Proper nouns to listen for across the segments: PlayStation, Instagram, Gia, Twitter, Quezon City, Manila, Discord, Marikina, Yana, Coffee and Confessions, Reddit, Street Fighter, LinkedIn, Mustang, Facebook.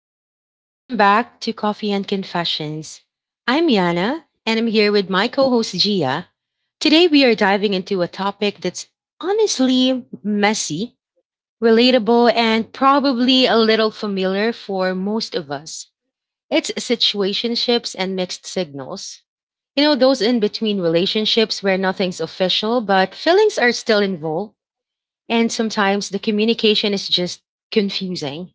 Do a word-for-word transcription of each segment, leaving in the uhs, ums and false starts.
everyone, welcome back to Coffee and Confessions. I'm Yana and I'm here with my co host Gia. Today we are diving into a topic that's honestly messy, relatable, and probably a little familiar for most of us. It's situationships and mixed signals. You know, those in between relationships where nothing's official, but feelings are still involved, and sometimes the communication is just confusing.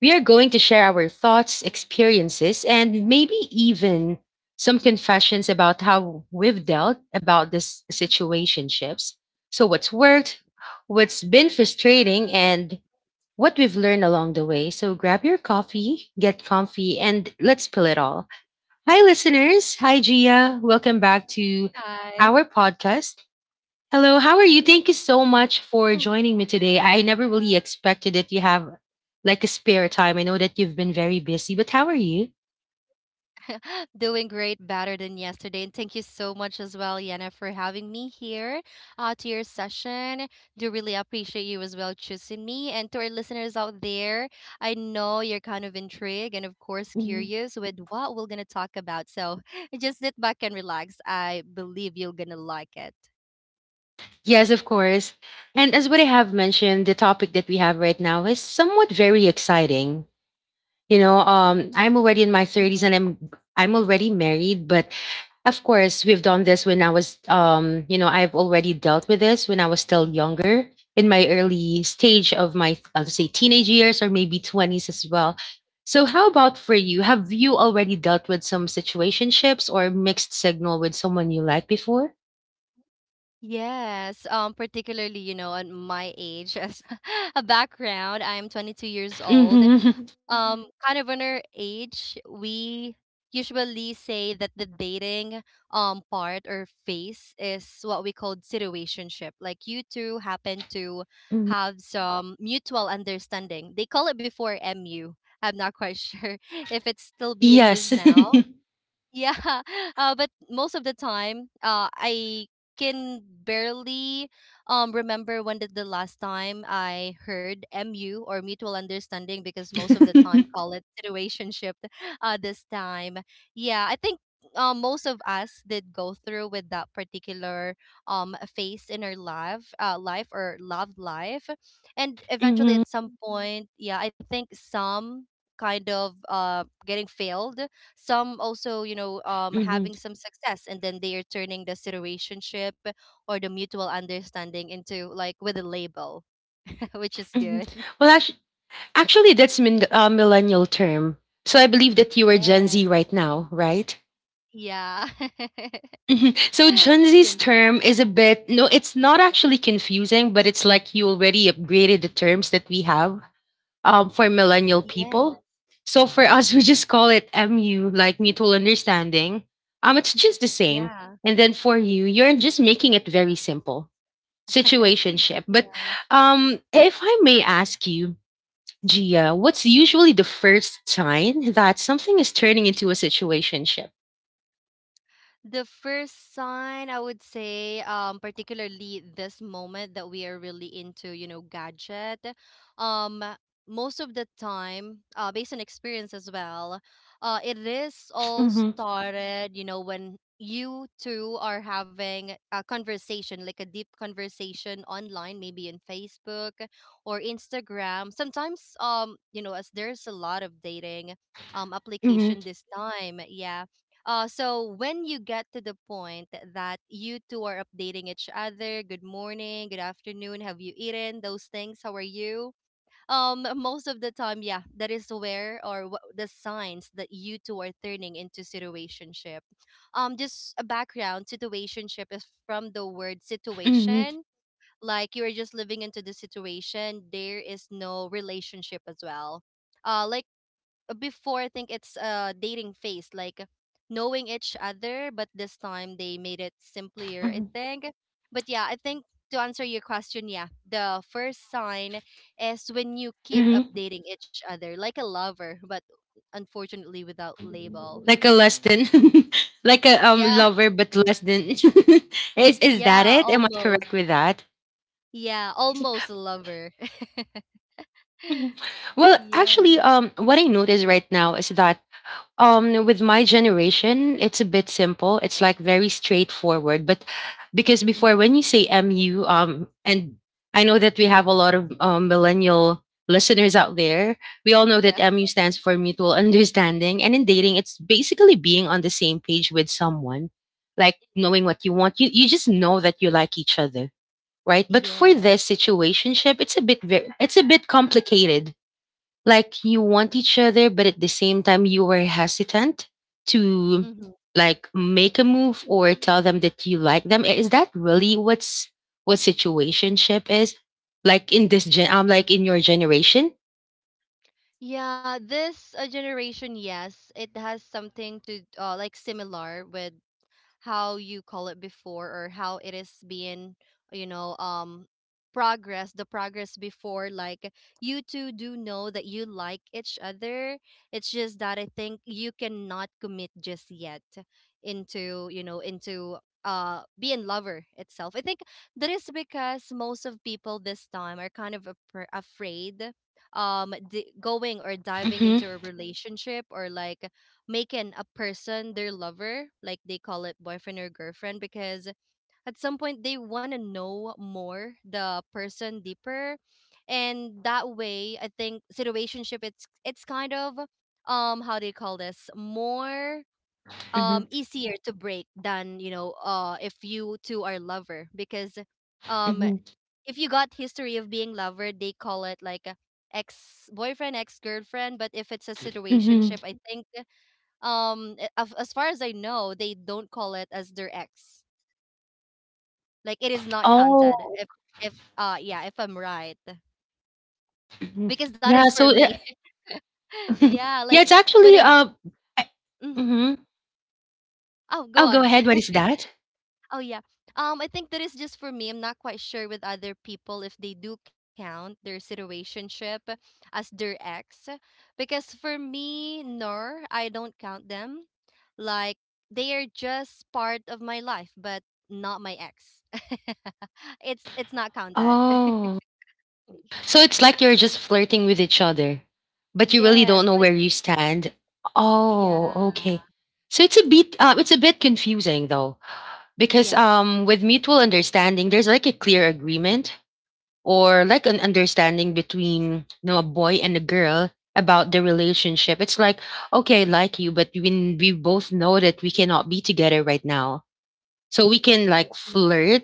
We are going to share our thoughts, experiences, and maybe even some confessions about how we've dealt about this situationships. So what's worked, what's been frustrating, and what we've learned along the way. So grab your coffee, get comfy, and let's spill it all. Hi listeners. Hi Gia. Welcome back to Hi. our podcast. Hello, how are you? Thank you so much for joining me today. I never really expected that you have like a spare time. I know that you've been very busy, but how are you? Doing great, better than yesterday. And thank you so much as well, Yana, for having me here uh, to your session. Do really appreciate you as well choosing me. And to our listeners out there, I know you're kind of intrigued and, of course, Mhm. curious with what we're going to talk about. So just sit back and relax. I believe you're going to like it. Yes, of course. And as what I have mentioned, the topic that we have right now is somewhat very exciting. You know, um, I'm already in my thirties and I'm I'm already married, but of course, we've done this when I was um, you know, I've already dealt with this when I was still younger in my early stage of my I'll say teenage years or maybe twenties as well. So how about for you? Have you already dealt with some situationships or mixed signal with someone you liked before? Yes, um, particularly, you know, at my age, as a background, I am twenty-two years old. Mhm. Mm-hmm. Um, kind of on our age, we usually say that the dating um part or phase is what we call situationship. Like you two happen to Mhm. have some mutual understanding. They call it before M U. I'm not quite sure if it's still being used Yes. now. Yeah, uh, but most of the time, uh, I can barely um remember when did the last time I heard M U or mutual understanding because most of the time call it situationship uh this time. Yeah, I think uh, most of us did go through with that particular um phase in our life uh life or loved life, and eventually hmm at some point, yeah, I think some kind of uh getting failed, some also, you know, um hmm having some success, and then they are turning the situationship or the mutual understanding into like with a label, which is hmm good. Well, actually, Actually, that's min- uh, millennial term. So I believe that you are Gen Z Yes. right now, right? Yeah. Mhm. So Gen Z's Gen- term is a bit no, it's not actually confusing, but it's like you already upgraded the terms that we have um, for millennial yeah. people. So for us, we just call it M U, like mutual understanding. Um, it's just the same. yeah And then for you, you're just making it very simple, situationship. But um, if I may ask you, Gia, what's usually the first sign that something is turning into a situationship? The first sign I would say, um, particularly this moment that we are really into, you know, gadget, um, most of the time, uh, based on experience as well, uh, it is all Mm-hmm, started, you know, when you two are having a conversation, like a deep conversation online, maybe in Facebook or Instagram. Sometimes, um, you know, as there's a lot of dating, um, application mm-hmm, this time, yeah, uh, so when you get to the point that you two are updating each other, good morning, good afternoon, have you eaten, those things? How are you? Um, most of the time, yeah, that is where or wh- the signs that you two are turning into situationship. Um, just a background: situationship is from the word mm-hmm, situation. Like you are just living into the situation. There is no relationship as well. Uh, like before I think it's a dating phase, like knowing each other, but this time they made it simpler, I mm-hmm, think. But yeah, I think to answer your question, yeah, the first sign is when you keep hmm. updating each other like a lover, but unfortunately without label. Like a less than, like a um Yeah, lover, but less than. is is that yeah, it? Am I almost. correct with that? Yeah, almost a lover. Mhm. Well, actually, Yeah. um, what I notice right now is that Um, with my generation, it's a bit simple. It's like very straightforward. But because before, Mhm. when you say M U, um, and I know that we have a lot of um, millennial listeners out there, we all know that Yeah. M U stands for mutual understanding. And in dating, it's basically being on the same page with someone, like Mhm. knowing what you want. You you just know that you like each other, right? But for this Yes. situationship, it's a bit very, it's a bit complicated like you want each other, but at the same time you were hesitant to Hmm. like make a move or tell them that you like them. Is that really what's what situationship is? Like in this gen um like in your generation? Yeah, this uh, generation, yes, it has something to uh, like similar with how you call it before or how it is being, you know, um progress the progress before. Like you two do know that you like each other, it's just that I think you cannot commit just yet into, you know, into uh being lover itself, I think. That is because most of people this time are kind of afra- afraid, um di- going or diving Mm-hmm. into a relationship, or like making a person their lover, like they call it boyfriend or girlfriend, because at some point they want to know more the person deeper, and that way I think situationship it's it's kind of, um how do you call this, more Mm-hmm. um easier to break than, you know, uh if you two are lover, because um Mm-hmm. if you got history of being lover they call it like a ex boyfriend, ex girlfriend, but if it's a Mm-hmm. situationship I think, um a- af- as far as I know, they don't call it as their ex. Like it is not counted Oh. if if uh yeah, if I'm right, Mhm. because that Yeah, is for so it, me. yeah, Yeah, like it's when actually I uh Mhm. mm-hmm. Oh, go Oh, go on. ahead. What is that? Oh yeah. Um, I think that is just for me. I'm not quite sure with other people if they do count their situationship as their ex, because for me, no, I don't count them. Like they are just part of my life, but not my ex. it's it's not counted. Oh. So it's like you're just flirting with each other, but you really don't Yes, know like where you stand. Oh, yeah, okay. So it's a bit uh, it's a bit confusing though because yeah, um with mutual understanding there's like a clear agreement or like an understanding between you know, a boy and a girl about the relationship. It's like okay, I like you, but we we both know that we cannot be together right now so we can like yeah. flirt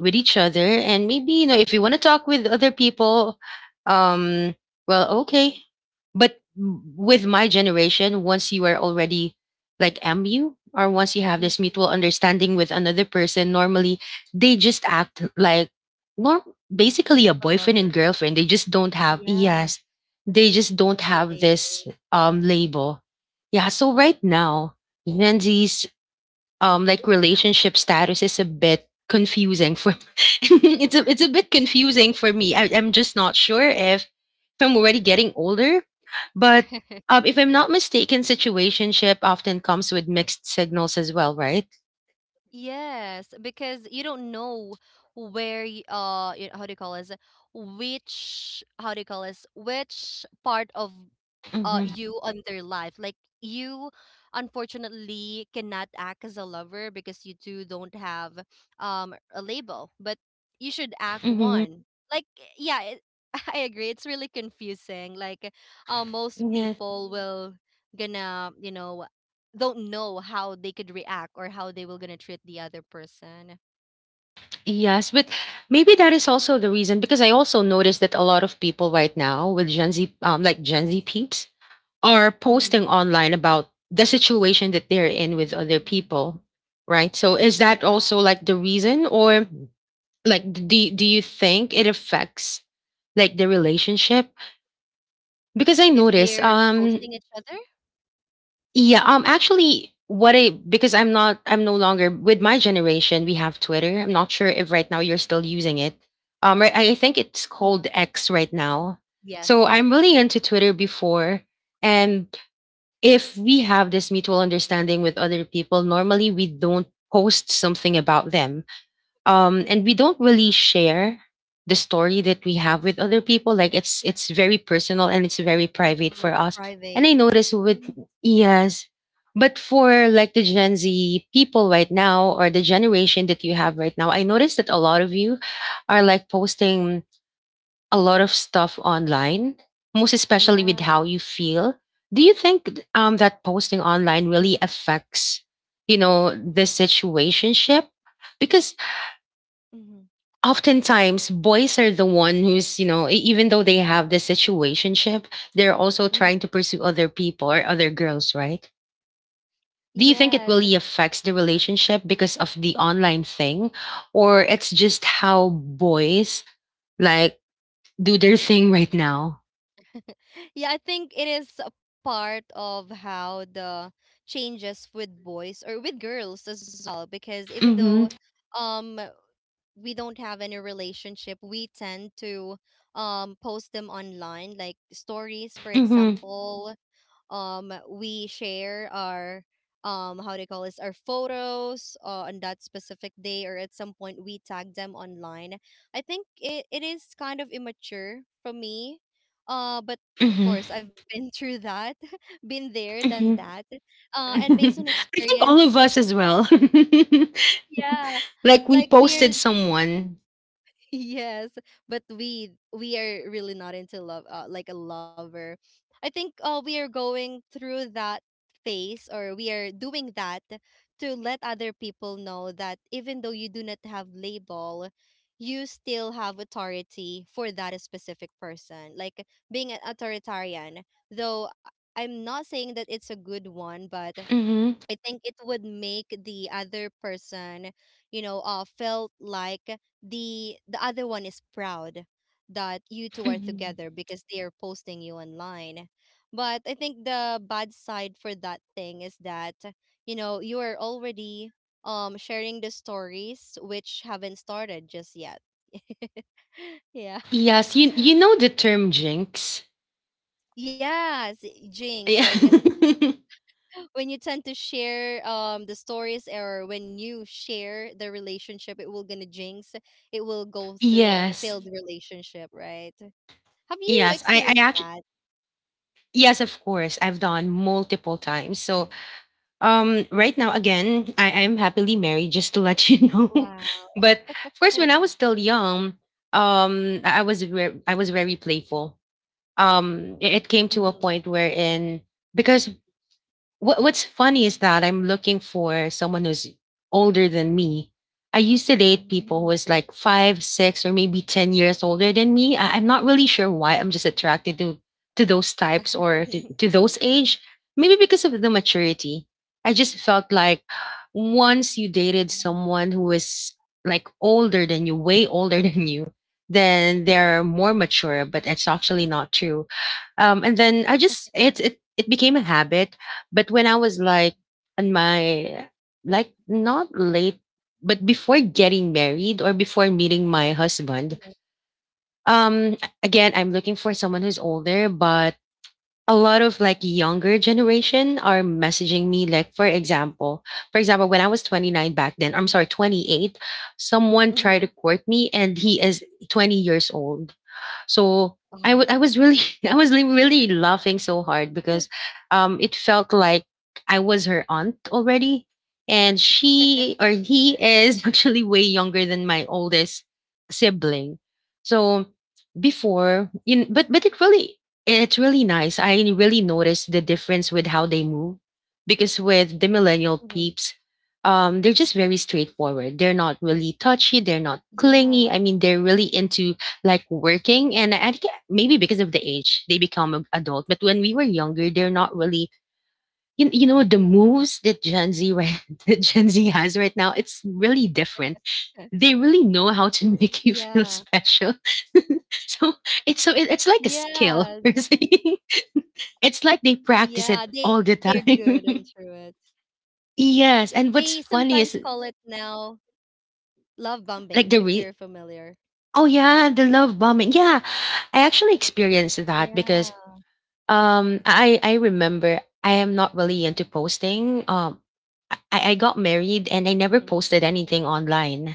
with each other and maybe you know if you want to talk with other people um well okay but m- with my generation once you are already like mu or once you have this Hmm. mutual understanding with another person normally they just act like norm basically a A boyfriend lover. and girlfriend they just don't have Yeah, a yes they just don't have label. this um label. Yeah, so right now gen Z um like relationship status is a bit confusing for it's a it's a bit confusing for me. I, I'm just not sure if if I'm already getting older, but um, if I'm not mistaken, situationship often comes with mixed signals as well, right? Yes, because you don't know where y- uh y- how do you call this which how do you call this, which part of uh Mm-hmm. you on their life. Like you unfortunately cannot act as a lover because you two don't have um a label, but you should act Mm-hmm. one. Like yeah, it, I agree, it's really confusing. Like uh, most Yes. people will gonna, you know, don't know how they could react or how they will gonna treat the other person. Yes, but maybe that is also the reason because I also noticed that a lot of people right now with Gen Z, um, like Gen Z peeps, are Hmm. posting online about the situation that they're in with other people right so is that Yeah, also like the reason or like do, do you think it affects like the relationship because I if notice they're um posting each other. yeah um actually what I because I'm not I'm no longer with my generation we have Twitter I'm not sure if right now you're still using it. um right, i I think it's called Uh-huh. X right now Yes, so I'm ex. really into Twitter before and if we have this mutual understanding with other people, normally we don't post something about them. Um, and we don't really share the story that we have with other people. Like it's it's very personal and it's very Mhm. private Like for us. And I private. notice with yes, but for like the Gen Z people right now or the generation that you have right now, I notice that a lot of you are like posting a lot of stuff online, most especially with Yeah. how you feel. Do you think um, that posting online really affects, you know, the situationship? Because Hmm. oftentimes boys are the one who's, you know, e- even though they have the situationship, they're also Hmm. trying to pursue other people or other girls, right? Do you think it Yes. really affects the relationship because of the online thing? Or it's just how boys like do their thing right now? Yeah, I think it is a part of how the changes with boys or with girls as well, because even Mm-hmm. though, um we don't have any relationship, we tend to um post them online, like stories, for Mm-hmm. example. Um, we share our, um how do you call this, our photos uh, on that specific day, or at some point we tag them online. I think it, it is kind of immature for me, uh but of Hmm. course I've been through that. Been there, done Hmm. that, uh I and based on think all experience. of us as well. Yeah, like we like posted we're someone. yes, but we we are really not into love, uh, like a lover. I think uh, we are going through that phase, or we are doing that to let other people know that even though you do not have label, you still have authority for that specific person. Like being an authoritarian, though I'm not saying that it's a good one, but Hmm. I think it would make the other person, you know, uh, felt like the the other one is proud that you two are Hmm. together because they are posting you online. But I think the bad side for that thing is that, you know, you are already um sharing the stories which haven't started just yet. Yeah. Yes, you you know the term jinx. Yes, jinx. Yeah. Like when you tend to share um the stories, or when you share the relationship, it will gonna jinx, it will go through on a yes. failed relationship, right? Have you Yes. I I experienced actually that? yes, of course. I've done multiple times. So Oh, um right now again, I am happily married, just to let you know. wow. but of course, when I was still young, um I I was very I was very playful um i- it came to a Mm-hmm. point wherein because what what's funny is that I'm looking for someone who's older than me. I used to date people Mm, who was like five, six, or maybe ten years older than me. I, I'm not really sure why. I'm just attracted to to those types or mm. to, to those age. Maybe because of the maturity. I just felt like once you dated someone who is like older than you, way older than you, then they're more mature, but it's actually not true. Um, and then I just it it it became a habit. But when I was like on my like not late, but before getting married or before meeting my Mm-hmm. husband, um, again I'm looking for someone who's older, but a lot of like younger generation are messaging me like for example for example when I was twenty-nine back then I'm sorry twenty-eight, someone Mm-hmm. tried to court me and he is twenty years old. So Oh, I wa- I was really I was li- really laughing so hard because um it felt like I was her aunt already and she or he is actually way younger than my oldest sibling. So before you kn- but but it really it's really nice. I really noticed the difference with how they move because with the mm-hmm. millennial peeps um, they're just very straightforward. They're not really touchy. They're not Yeah. clingy. I mean, they're really into like working and I think maybe because of the age they become a- adult but when we were younger they're not really you, you know the moves that Gen Z right- that Gen Z has right now it's really different. They really know how to Yeah. make you feel special. so it's so it, it's like a Yes. skill. It's like they Yeah, they're practice it good all the into it. time. They Yes, sometimes and what's call it funny is now, love bombing, if you're like the re- familiar. oh yeah the love bombing yeah I actually experienced that Yeah. because Um, I I remember I am not really into posting. Um, mm-hmm. I I got married and I never posted anything online.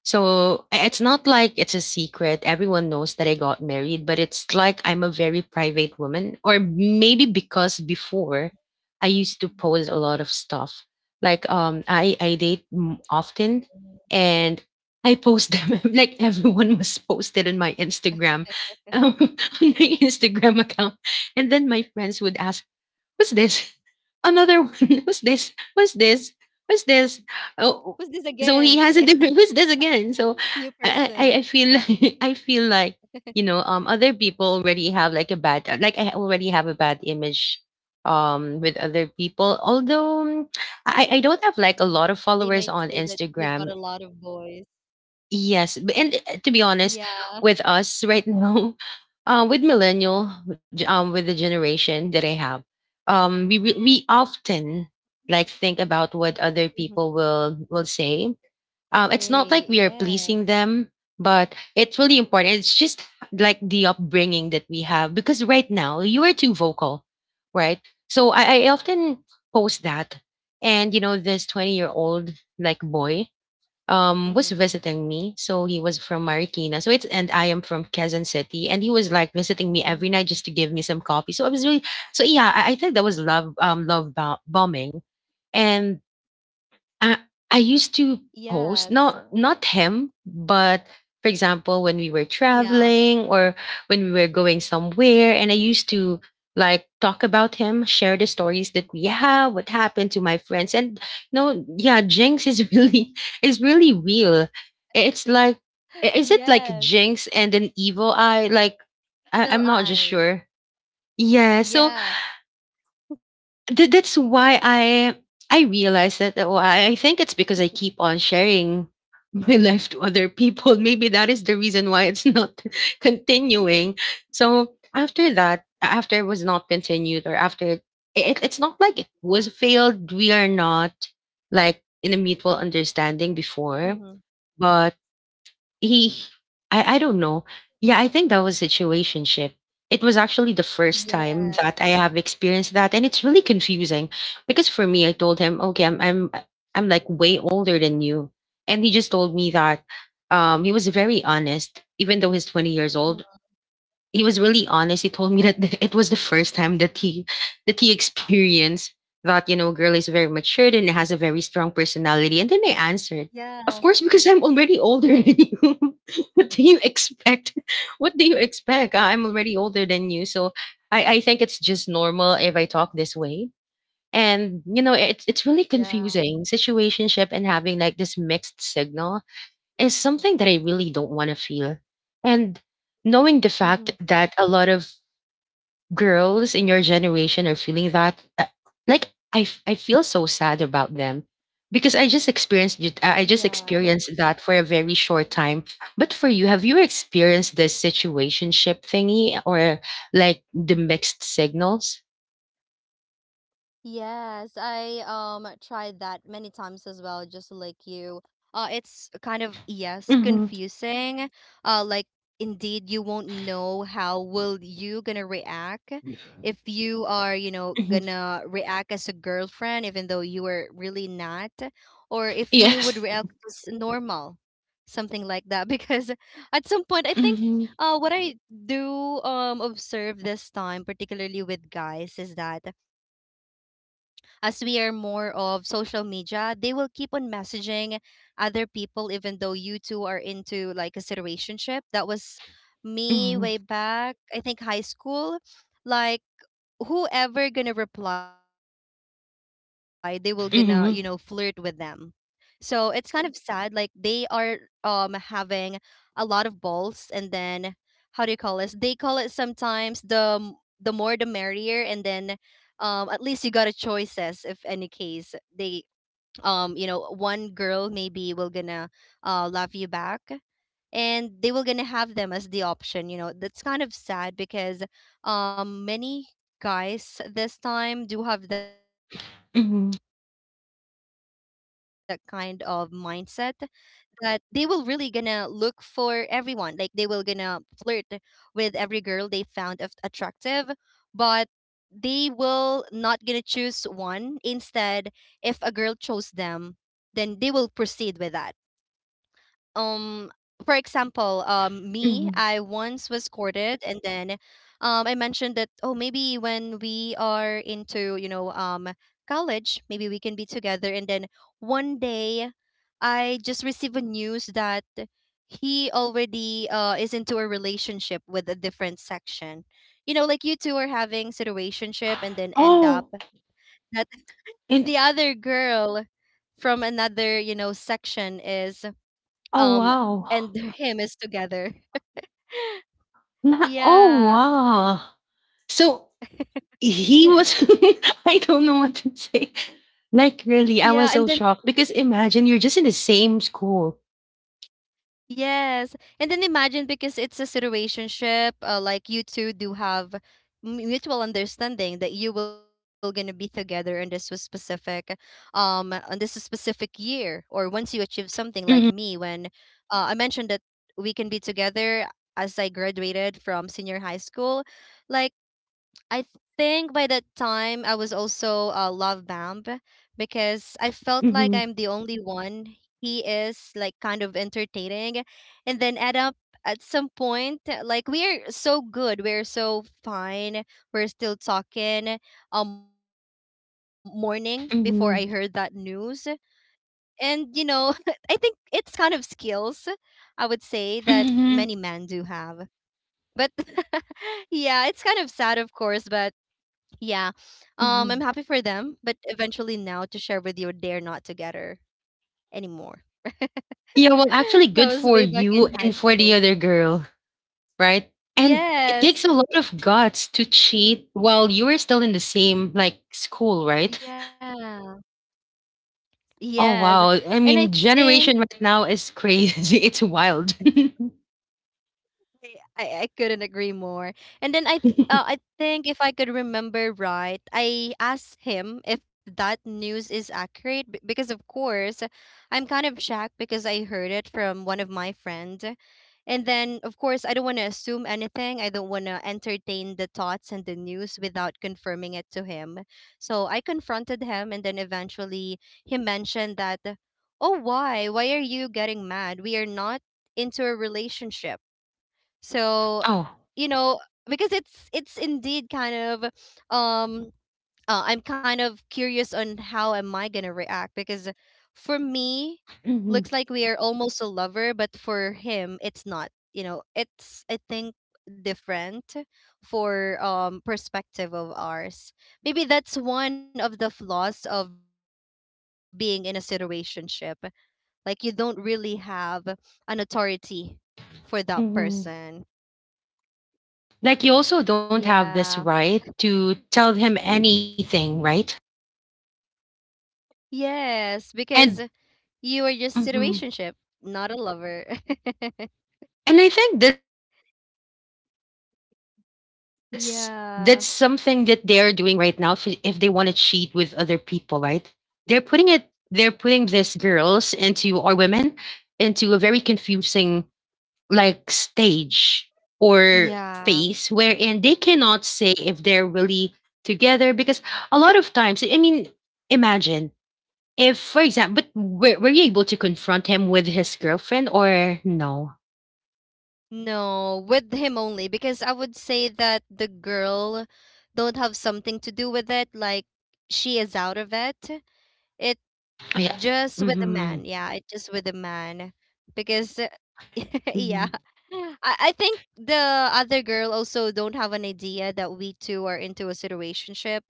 So i- it's not like it's a secret. Everyone knows that I got married, but it's like I'm a very private woman. Or maybe because before I used to post a lot of stuff. Like um I I date m- often and I post them like everyone was posted on my Instagram, um, on my Instagram account, and then my friends would ask What's this? Another one. Who's What's this this? What's again? Yeah. this? What's this? Oh, New so he has a person. different. Who's this again? So I, I, I feel like, I feel like you know um other people already have like a bad like I already have a bad image um with other people. Although, um, Yeah. I I They don't might have like a say that lot of you got a followers on lot of boys. Instagram. Yes, b- and uh, Yeah. to be honest, with us right now, uh, with millennial, g- um, with the generation that I have, um, we re- we often like think about what Hmm. other people will will say. Um, Stay. It's not like we are Yes. pleasing them, but it's really important. It's just like the upbringing that we have because right now you are too vocal, right? So I, I Yeah. often post that, and you know, this twenty year old like boy um was Hmm. visiting me. So he was from Marikina. So it's and I am from Quezon City. And he was like visiting me every night just to give me some coffee. So I was really so Yeah, I, I think that was love um love bo- bombing. And Yes. uh, I used to post not not him, but, for Yeah. example, when we were traveling or when we were going somewhere, and I used to like talk about him, share the stories that we have, what happened to my friends. And no, yeah, jinx is really is really real. It's like, i- is it like Yes. jinx and an evil eye? Like, Evil I, I'm not eye. just sure. Yeah, so Yeah. Th- that's why I I realized that, oh, I I think it's because I keep on sharing my life to other people. Maybe that is the reason why it's not continuing. So after that, after it was not continued, or after it, it it's not like it was failed. We are not like in a mutual understanding Mm-hmm. before, but he I, I don't know. Yeah, I think that was situationship. It was actually the first Yes. time that I have experienced that, and it's really confusing because for me I told him, "Okay, I'm I'm I'm like way older than you." And he just told me that um he was very honest. Even though he's twenty years Mm-hmm. old, he was really honest. He told me that th- it was the first time that he that he experienced that, you know, girl is very matured and has a very strong personality. And then I answered, Yeah. of course, because I'm already older than you. What do you expect? What do you expect? I'm already older than you, so I, I think it's just normal if I talk this way. And you know, it's it's Yeah. really confusing situationship, and having like this mixed signal is something that I really don't want to feel. And knowing the Mm-hmm. fact that a lot of girls in your generation are feeling that, uh, like, I, f- I feel so sad about them because I just experienced it- Yeah. I I just experienced that for a very short time. But for you, have you experienced this situationship thingy or like the mixed signals? Yes, I um tried that many times as well, just like you. Uh, it's kind of, yes, Hmm. confusing. Uh, like indeed you won't know how will you gonna react, Yeah. if you are, you know, Hmm. gonna react as a girlfriend even though you were really not, or if you would Yes. react as normal. Something like that. Because at some point I think, Mm-hmm. uh what I do um observe this time particularly with guys is that, as we are more of social media, they will keep on messaging other people even though you two are into like a situationship. That was me Mm-hmm. way back, I think high school. Like whoever gonna reply, they will gonna, you know, flirt with them. Mm-hmm. So it's kind of sad. Like they are um having a lot of balls, and then how do you call this? They call it sometimes the m- the more the merrier. And then um at least you got a choices if any case they um you know one girl maybe will gonna uh love you back and they were gonna have them as the option you know That's kind of sad because um many guys this time do have that kind of mindset, that they will really gonna look for everyone. Like they will gonna flirt with every girl they found of- attractive, but they will not gonna choose one instead. If a girl chose them, then they will proceed with that. um for example, um me, I Mm-hmm. once was courted. And then um I mentioned that, "Oh, maybe when we are into you know um college, maybe we can be together." And then one day I just received a news that he already uh is into a relationship with a different section. You know, like you two are having situationship and then end Oh, up that the and other girl from another, you know, section is oh, um wow. and him is together. Na, oh, Yeah. wow. So he was, I don't know what to say. Like, really, I Yeah, was and so then shocked because imagine you're just in the same school. yes. And then imagine, because it's a situationship, uh, like you two do have m- mutual understanding that you will gonna be together in this was specific um on this specific year, or once you achieve something. Like me, Mhm. when uh, I mentioned that we can be together as I graduated from senior high school. Like I think by that time I was also a love bomb, because I felt like Mhm. I'm the only one. He is like kind of entertaining, and then add up at some point, like we are so good, we're so fine, we're still talking. Um, morning before I heard that news. Mhm. And you know, I think it's kind of skills I would say that many men do Mhm. have, but yeah, it's kind of sad, of course, but yeah. Um, I'm happy for Mhm. them, but eventually now to share with you, they're not together anymore. Yeah, well, actually, That good was for way back you in high and for the school. other girl, right? And it takes a Yes. lot of guts to cheat while you are still in the same like school, right? Yeah. Oh, Yes. wow. I And I mean, think generation right now is crazy. It's wild. I, I I couldn't agree more. And then I uh, I think if I could remember right, I asked him if that news is accurate, b- because of course I'm kind of shocked, because I heard it from one of my friends. And then of course I don't want to assume anything. I don't want to entertain the thoughts and the news without confirming it to him. So I confronted him, and then eventually he mentioned that, "Oh, why? Why are you getting mad? We are not into a relationship." So, Oh. you know, because it's it's indeed kind of um uh, I'm kind of curious on how am I gonna react, because for me, looks Hmm. like we are almost a lover, but for him, it's not. You know, it's I think different for um perspective of ours. Maybe that's one of the flaws of being in a situationship. Like you don't really have an authority for that person. Hmm. Like, you Yeah. also don't have this right to tell him anything, right? Yes, because And, you were just in a relationship, hmm, not a lover. and I think that's that's something that they're doing right now, if, if they want Yeah. to cheat with other people, right? They're putting it they're putting these girls, into, or women, into a very confusing like stage or phase Yeah. wherein they cannot say if they're really together, because a lot of times, I mean, imagine if, for example, but were, were you able to confront him with his girlfriend or no? No, with him only, because I would say that the girl don't have something to do with it, like she is out of it. It Oh, yeah. just with the Mm-hmm. man. Yeah, it just with the man. Because uh, yeah. Hmm. I, I think the other girl also don't have an idea that we two are into a situationship,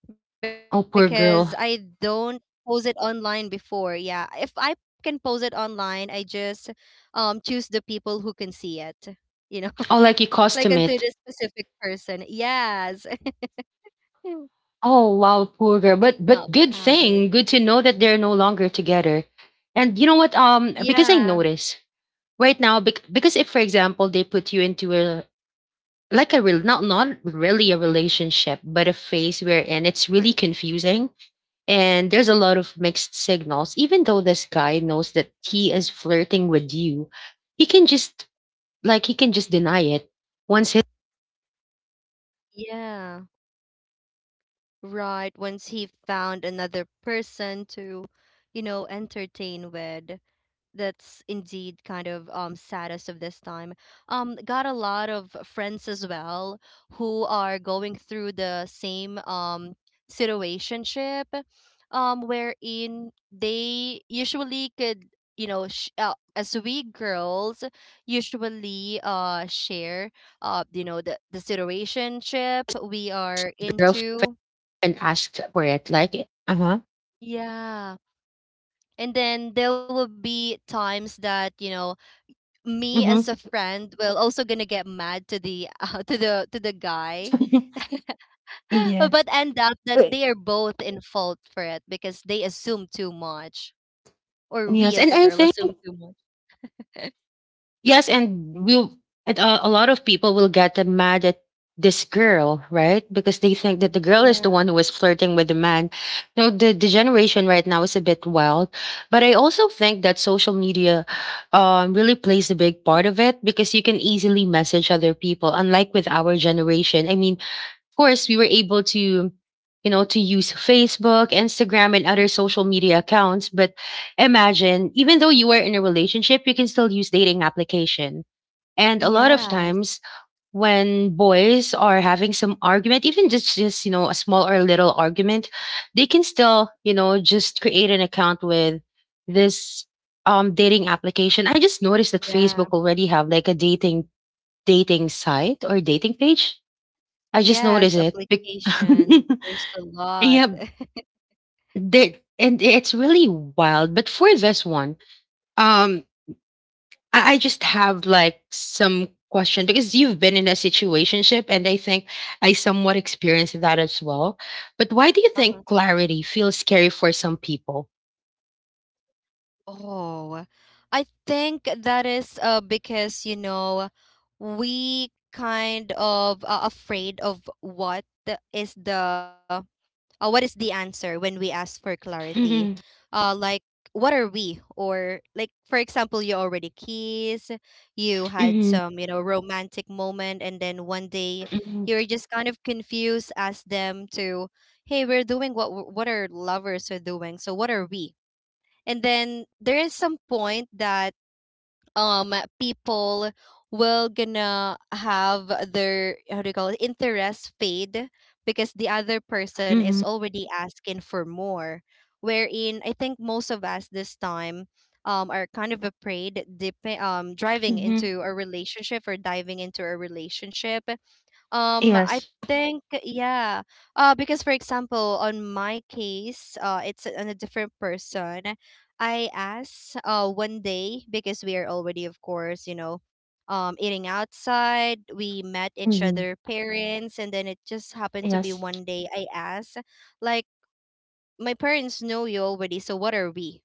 because Oh, I poor girl. don't post it online before. Yeah, if I can post it online, I just um choose the people who can see it. You know, Oh, like, you like unto cost him the it. specific person. Yes, Oh, wow, it's poor girl. But, not but good public. thing, good to know that they're no longer together. And you know what, um because Yeah, I notice right now, bec- because if for example they put you into a, like a real, not not really a relationship, but a phase we're in, it's really confusing. And there's a lot of mixed signals. Even though this guy knows that he is flirting with you, he can just like, he can just deny it once his yeah, right. Once he found another person to, you know, entertain with. That's indeed kind of um saddest of this time. Um got a lot of friends as well who are going through the same um situationship, um wherein they usually could, you know, sh- uh, as we girls usually uh share, uh you know, the the situationship we are girlfriend into. asked for it, like. Uh-huh. Yeah. And then there will be times that, you know, me as a Hmm. friend will also gonna get mad to the uh, to the to the guy. Yes. But end up that they are both in fault for it, because they assume too much, or we Yes. And as a I girl think, assume too much. Yes, and we'll and a, a lot of people will get mad at this girl, right? Because they think that the girl is the Yeah. one who is flirting with the man. No, the, the generation right now is a bit wild. But I also think that social media um, really plays a big part of it because you can easily message other people, unlike with our generation. I mean, course, we were able to, you know, to use Facebook, Instagram, and other social media accounts. But imagine, even though you are in a relationship, you can still use dating application. And a lot of Yes. times when boys are having some argument, even just, just, you know, a small or little argument, they can still, you know, just create an account with this um dating application. I just noticed that Yeah. Facebook already have like a dating dating site or dating page. I just Yes, noticed it. Bec- application there's a lot. Yeah, that, and it's really wild. But for this one, um, I, I just have like some question because you've been in a situationship, and I think I somewhat experienced that as well. But why do you Uh-huh. think clarity feels scary for some people? Oh, I think that is uh because, you know, we kind of uh, afraid of what the- is the uh, what is the answer when we ask for clarity. Hmm. Uh like, what are we? Or like, for example, you already kiss, you had Hmm. some, you know, romantic moment, and then one day Hmm. you're just kind of confused, ask them to, "Hey, we're doing what w- what our lovers are doing, so what are we?" And then there is some point that um people will gonna have their, how do you call it, interest fade, because the other person is Hmm. already asking for more. Wherein I think most of us this time um are kind of afraid dip, um driving Hmm. into a relationship or diving into a relationship. um, I Yes. think yeah. Uh, because, for example, on my case, uh, it's on a different person. I asked uh one day, because we are already, of course, you know, um, eating outside. We met each Hmm. other parents, and then it just happened to be Yes. one day. I asked, like, "My parents know you already, so what are we?"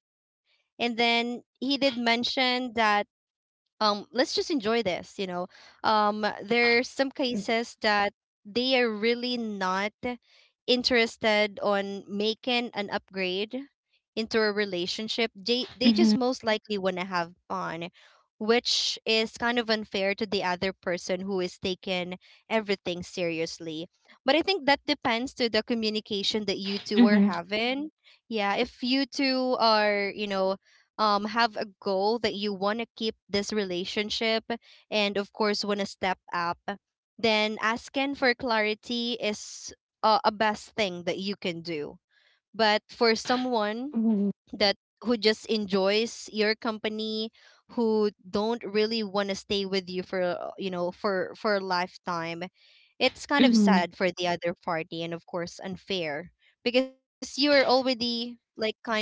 And then he did mention that, um "Let's just enjoy this, you know." Um there's some cases that they are really not interested on making an upgrade into a relationship. They they Mm-hmm. just most likely want to have fun, which is kind of unfair to the other person who is taking everything seriously. But I think that depends to the communication that you two are Mm-hmm. having. Yeah, if you two are, you know, um have a goal that you want to keep this relationship and of course want to step up, then asking for clarity is uh, a best thing that you can do. But for someone Mm-hmm. that who just enjoys your company, who don't really want to stay with you for, uh, you know, for for a lifetime, it's kind of Mm-hmm. sad for the other party and of course unfair, because you are already like kind of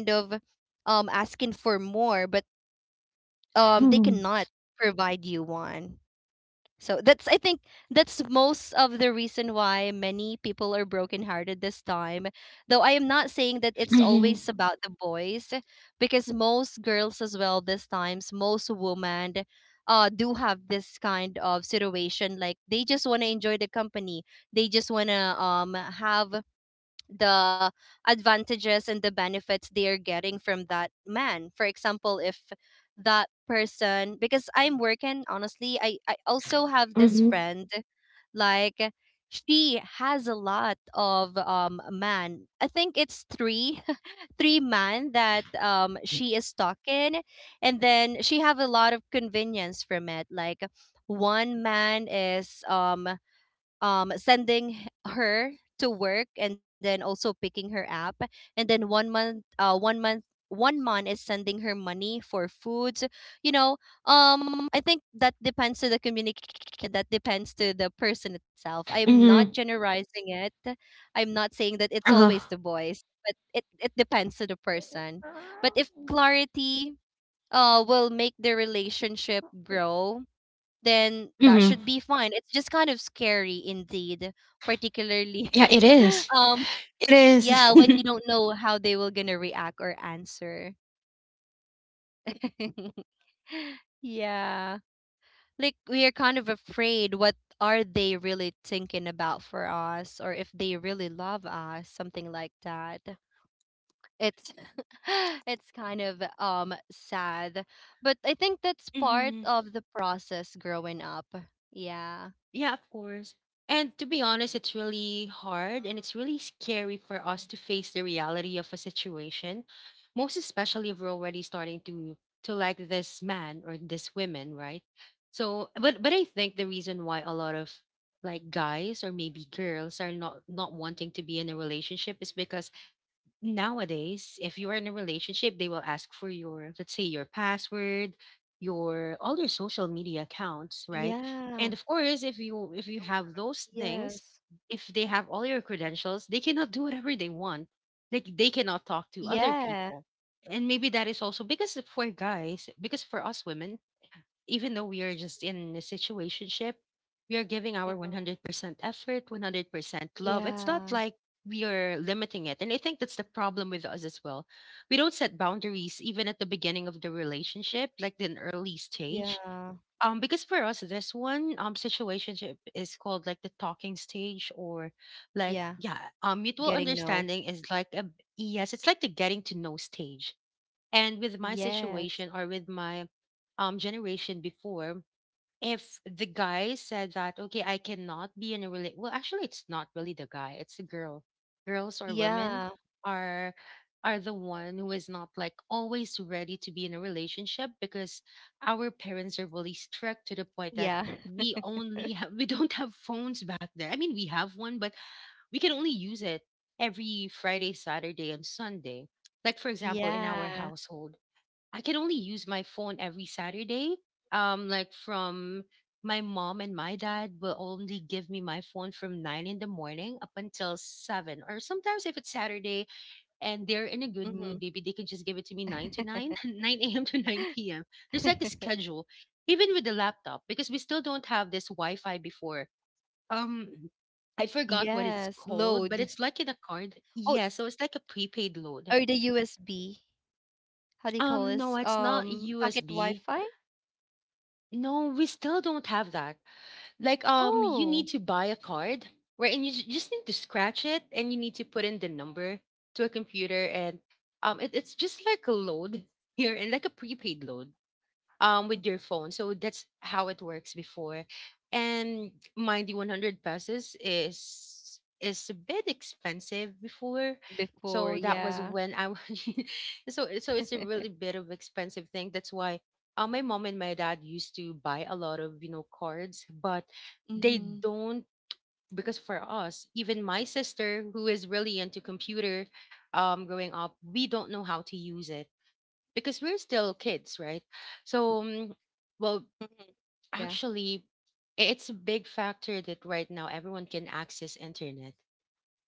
um asking for more, but um they Mm-hmm. cannot provide you one. So that's, I think, that's most of the reason why many people are brokenhearted this time, though I am not saying that it's always about the boys. Because most girls as well this times, most women, uh do have this kind of situation, like they just want to enjoy the company. They just want to um have the advantages and the benefits they are getting from that man. For example, if that person, because I'm working, honestly, I, I also have this Mm-hmm. friend, like, she has a lot of um man. I think it's three, three man that um she is talking, and then she have a lot of convenience from it. Like one man is um um sending h- her to work and then also picking her up, and then one month uh one month one month is sending her money for food, you know. um I think that depends to the communication, that depends to the person itself. I'm not Mm-hmm. generalizing it. I'm not saying that it's always Uh-huh. the boys, but it, it depends to the person. But if clarity uh will make the relationship grow, then that Mhm. should be fine. It's just kind of scary indeed, particularly Yeah, it is. um It is. yeah, when you don't know how they will gonna react or answer. Yeah. Like we are kind of afraid what are they really thinking about for us, or if they really love us, something like that. It's it's kind of um sad. But I think that's part Mhm. of the process growing up. Yeah. Yeah, of course. And to be honest, it's really hard and it's really scary for us to face the reality of a situation, most especially if we're already starting to to like this man or this woman, right? So, but but I think the reason why a lot of like guys or maybe girls are not not wanting to be in a relationship is because nowadays, if you are in a relationship, they will ask for your, let's say, your password, your all your social media Yeah. accounts, right? And of course, if you if you have Yes. those things, if they have all your credentials, they cannot do whatever they want. Like, they cannot talk to Yeah. other people. And maybe that is also because for guys, because for us women, even though we are just in a situationship, we are giving our Mhm. one hundred percent effort, one hundred percent love. It's Yeah. not like we are limiting it. And I think that's the problem with us as well. We don't set boundaries even at the beginning of the relationship, like in early stage. Yeah. Um, because for us, this one um situationship is called like the talking stage, or like, Yeah. yeah, um mutual Getting no. understanding is like a, yes, it's like the getting to know stage. And with my Yes. situation, or with my um generation before, if the guy said that, okay, I cannot be in a relate. Well, actually, it's not really the guy; it's the girl. Girls or women Yeah. are are the one who is not like always ready to be in a relationship, because our parents are really strict to the point that Yeah. we only have, we don't have phones back there. I mean, we have one, but we can only use it every Friday, Saturday, and Sunday. Like, for example, in our Yeah. household, I can only use my phone every Saturday. Um, like from My mom and my dad will only give me my phone from nine in the morning up until seven, or sometimes if it's Saturday and they're in a good Mm-hmm. mood, maybe they can just give it to me nine to nine, nine a m to nine p m. There's like a schedule, even with the laptop, because we still don't have this Wi-Fi before. Um, I Yes. forgot what it's Load. called, but it's like in a Oh, card. Yeah, so it's like a prepaid or the load. U S B. How do you call this? Um, no, it's Um, not Packet U S B. Wi-Fi? No, we still don't have that. Like, um, you Oh. need to buy a card wherein you ju- just need to scratch it and you need to put in the number to a computer and, um, it, it's just like a load here and like a prepaid load Mhm. um with your phone. So that's how it works before. And mind you, one hundred pesos is is a bit expensive before. Before, So that was yeah. when I so so it's a really bit of expensive thing. That's why uh, my mom and my dad used to buy a lot of, you know, cards, but they Mm-hmm. don't because for us, even my sister who is really into computer um growing up, we don't know how to use it because we're still kids, right? So, mm, Mm-hmm. well, Yeah. actually, i- it's a big factor that right now everyone can access internet.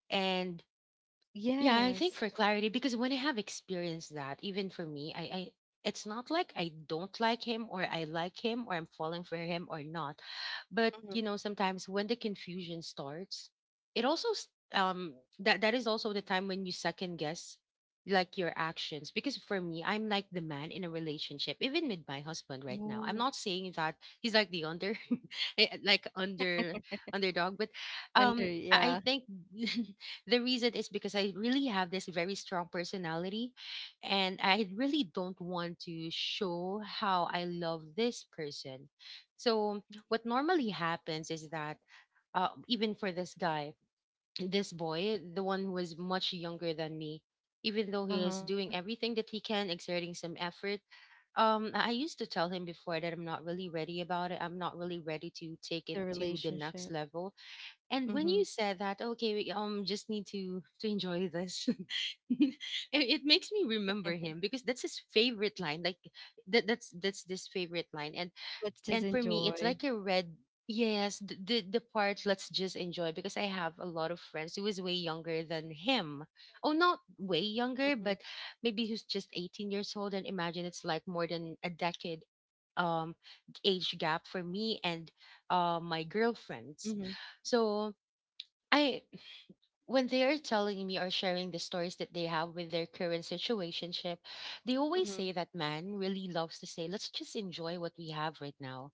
And Yes. yeah, I think for clarity, because when I have experienced that, even for me, I, I it's not like I don't like him or I like him or I'm falling for him or not. But Mm-hmm. you know, sometimes when the confusion starts, it also s- um that that is also the time when you second guess like your actions. Because for me, I'm like the man in a relationship, even with my husband right now. I'm Oh. not saying that he's like the under eh, like under underdog, but Under, um I yeah. I think the reason is because I really have this very strong personality and I really don't want to show how I love this person. So, what normally happens is that uh, even for this guy, this boy, the one who was much younger than me, even though he is Uh-huh. doing everything that he can, exerting some effort, um, I I used to tell him before that I'm not really ready about it. I'm not really ready to take it The to the next relationship. level. And when you Mm-hmm. said that, okay, we um just need to to enjoy this. it, it makes me remember him because that's his favorite line. Like that that's that's this Let's favorite just line. And enjoy. and for me, it's like a red. Yes, the, the the part, let's just enjoy, because I have a lot of friends who is way younger than him. Oh, not way Mm-hmm. younger, but maybe who's just eighteen years old, and imagine it's like more than a decade um age gap for me and uh my Mm-hmm. girlfriends. So I, when they are telling me or sharing the stories that they have with their current situationship, they always Mm-hmm. say that man really loves to say, "Let's just enjoy what we have right now."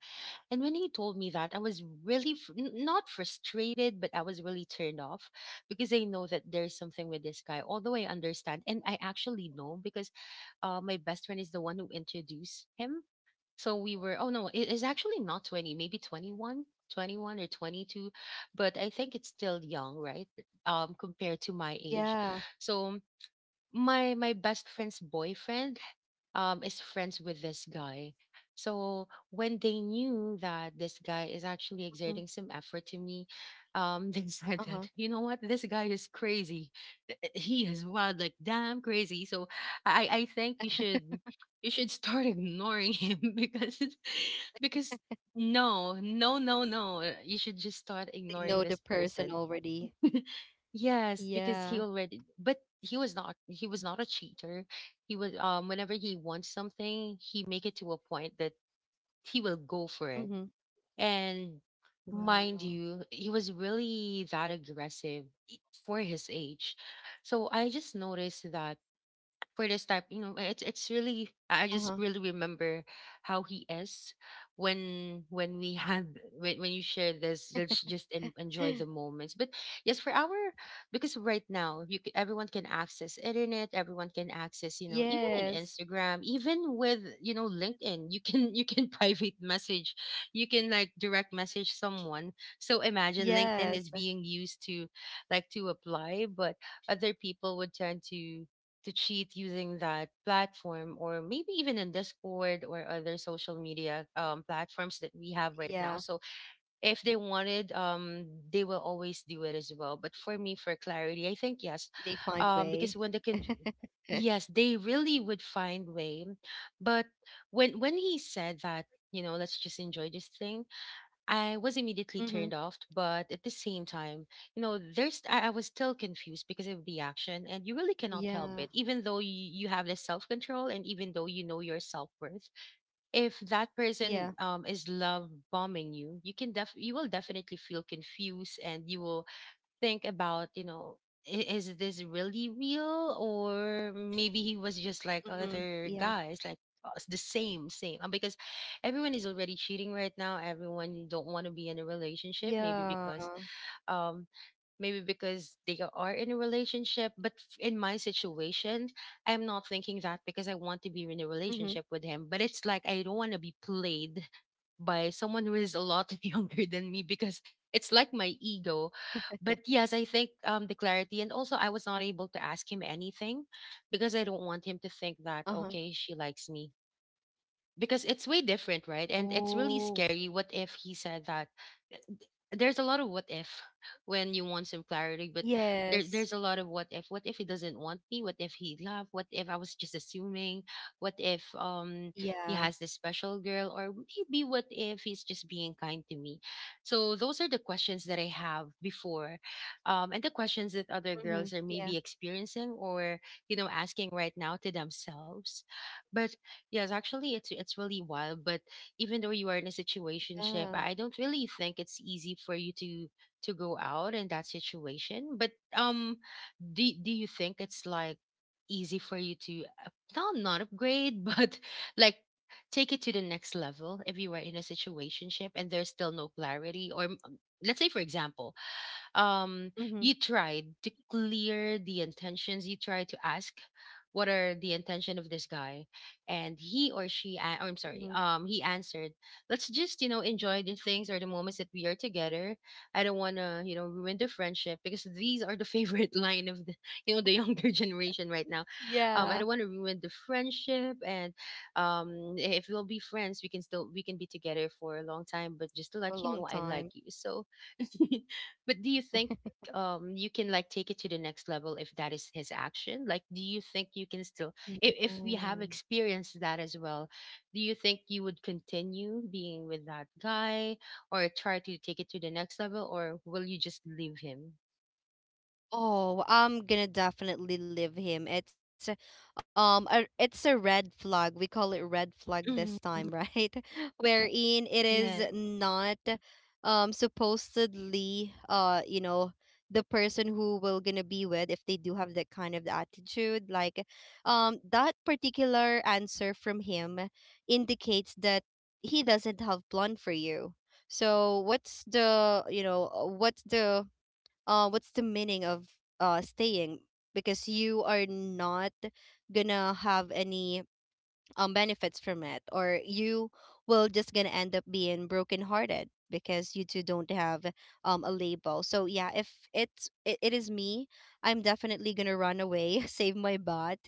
And when he told me that, I was really fr- n- not frustrated, but I was really turned off because I know that there's something with this guy. Although I understand, and I actually know because uh, my best friend is the one who introduced him. So we were, oh no, it is actually not twenty, maybe twenty one, twenty one or twenty two, but I think it's still young, right? Um, compared to my age. Yeah. So my my best friend's boyfriend um is friends with this guy. So when they knew that this guy is Mm-hmm. actually exerting some effort to me, um, they Uh-huh. said that, you know what, this guy is crazy. He is wild, like damn crazy. So I, I think you should you should start ignoring him because because no, no, no, no. You should just start They know ignoring the this person person. already. Yes, because Yeah. he already, but he was not he was not a cheater. He was, um whenever he wants something, he make it to a point that he will go Mm-hmm. for it. And Wow. mind you, he was really that aggressive i- for his age. So I just noticed that for this type, you know, it's it's really i I just really remember how he is when when we have when, when you share this, let's just en- enjoy Uh-huh. the moments, but yes, for our, because right now you c- everyone can access internet, everyone can access, you know, even an Yes. Instagram, even with, you know, LinkedIn, you can you can private message, you can like direct message someone. So imagine LinkedIn Yes. is being used to like to apply, but other people would tend to to cheat using that platform, or maybe even in Discord or other social media um, platforms Yeah. that we have right now. So if they wanted, um, they will always do it as well, but for me, for clarity, I They think find yes. way. um, because when the con- Yes, they really would find way. But when when he said that, you know, let's just enjoy this thing, I was Mm-hmm. immediately turned off, but at the same time, you know, there's I, I was still confused because of the action, and you really cannot Yeah. help it, even though you, you have the self control, and even though you know your self worth. If that Yeah. person um, is love bombing you, you can def you will definitely feel confused, and you will think about, you know, i- is this really real, or Mm-hmm. maybe he was Yeah. just like other guys, like us, the same, same. Uh, Because everyone is already cheating right now. Everyone don't want to be in a Yeah. relationship, maybe because um maybe because they are in a relationship, but f- in my situation, I'm not thinking that Mm-hmm. because I want to be in a relationship with him, but it's like I don't want to be played by someone who is a lot younger than me, because it's like my ego. But yes, I think um the clarity, and also I was not able to ask him anything because I don't want him to Uh-huh. think that, okay, she likes me, because it's way different, right? And Oh. it's really scary. What if he said that? There's a lot of what if when you want some clarity, but Yes. there, there's a lot of what if. What if he doesn't want me? What if he love? What if I was just assuming? What if um Yeah. he has this special girl, or maybe what if he's just being kind to me? So those are the questions that I have before, um, and the questions that other Mm-hmm. girls are Yeah. maybe experiencing or, you know, asking right now to themselves. But yes, actually, it's it's really wild. But even though you are in a situationship, Yeah. I I don't really think it's easy for you to to go out in that situation. But um, do do you think it's like easy for you to up- not not upgrade, but like take it to the next level if you are in a situationship and there's still no clarity, or, um, let's say, for example, um Mm-hmm. you tried to clear the intentions, you tried to ask what are the intention of this guy, and he or she a- or I'm Mm-hmm. sorry, um he answered, let's just, you know, enjoy the things or the moments that we are together. I don't want to, you know, ruin the friendship, because these are the favorite line of the, you know, the younger generation right now. um I Yeah, don't want to ruin the friendship, and um if we'll be friends, we can still we can be together for a long time, but just to for a let you long know, I like time. you, so but do you think um you can like take it to the next level if that is his action? Like do you think you can still if if we have No. experienced that as well, do you think you would continue being with that guy, or try to take it to the next level, or will you just leave him? Oh, I'm gonna definitely leave him. It's a- um a, it's a red flag. We call it red flag this Mhm. time, right? Wherein it is Yes. not um supposedly, uh you know, the person who will gonna be with if they do have that kind of attitude. Like um that particular answer from him indicates that he doesn't have plan for you. So what's the you know uh, what's the uh what's the meaning of uh staying, because you are not gonna have any um benefits from it, or you will just gonna end up being brokenhearted because you two don't have um a label. So yeah, if it's it, it is me, I'm definitely gonna run away, save my butt.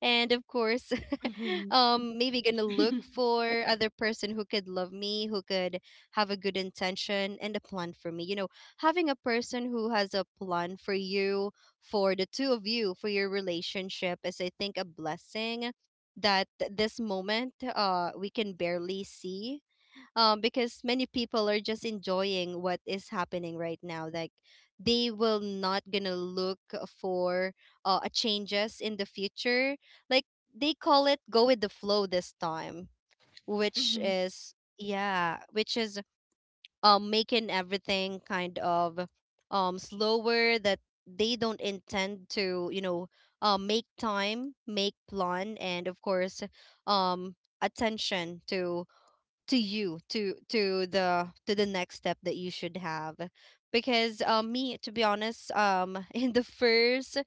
And of course Mhm. um maybe gonna look Mhm. for other person who could love me, who could have a good intention and a plan for me. You know, having a person who has a plan for you, for the two of you, for your relationship is, I think, a blessing that th- this moment uh we can barely see, um because many people are just enjoying what is happening right now. Like, they will not gonna look for uh a changes in the future. Like, they call it go with the flow this time, which Mhm. is, yeah, which is um making everything kind of um slower, that they don't intend to, you know, uh, make time, make plan, and of course, um attention to to you, to to the, to the next step that you should have. Because um me, to be honest, um in the first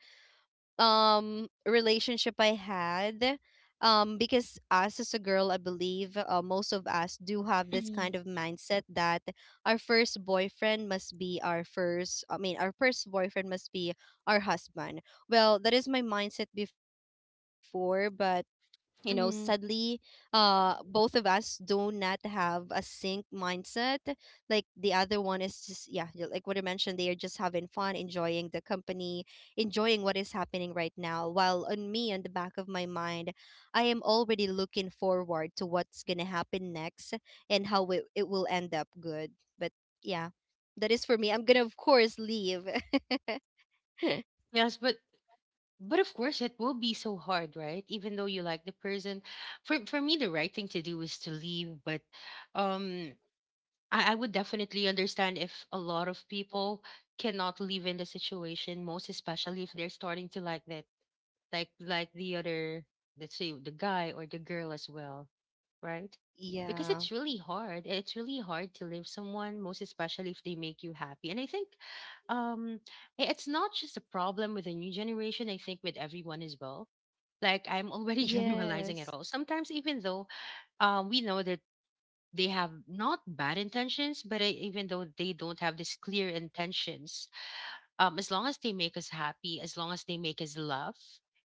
um relationship I had, um because us as a girl, I believe, uh, most of us do have this kind of mindset that our first boyfriend must be our first, I mean, our first boyfriend must be our husband. Well, that is my mindset before, but you know, sadly, Mhm. uh both of us do not have a sync mindset. Like, the other one is just, yeah, y- like what I mentioned, they are just having fun, enjoying the company, enjoying what is happening right now, while on me, on the back of my mind, I am already looking forward to what's gonna happen next and how it, it will end up good. But yeah, that is, for me, I'm gonna of course leave. Yes, but but of course it will be so hard, right? Even though you like the person, for for me the right thing to do is to leave, but um I, I would definitely understand if a lot of people cannot live in the situation, most especially if they're starting to like that, like like the other, let's say the guy or the girl as well, right? Because it's Yeah. really hard. It's really hard to live someone, most especially if they make you happy. And I think um i- it's not just a problem with the new generation, I think with everyone as well. Like I'm already generalizing Yes. it all. Sometimes even though um we know that they have not bad intentions, but I, even though they don't have these clear intentions, um, as long as they make us happy, as long as they make us laugh,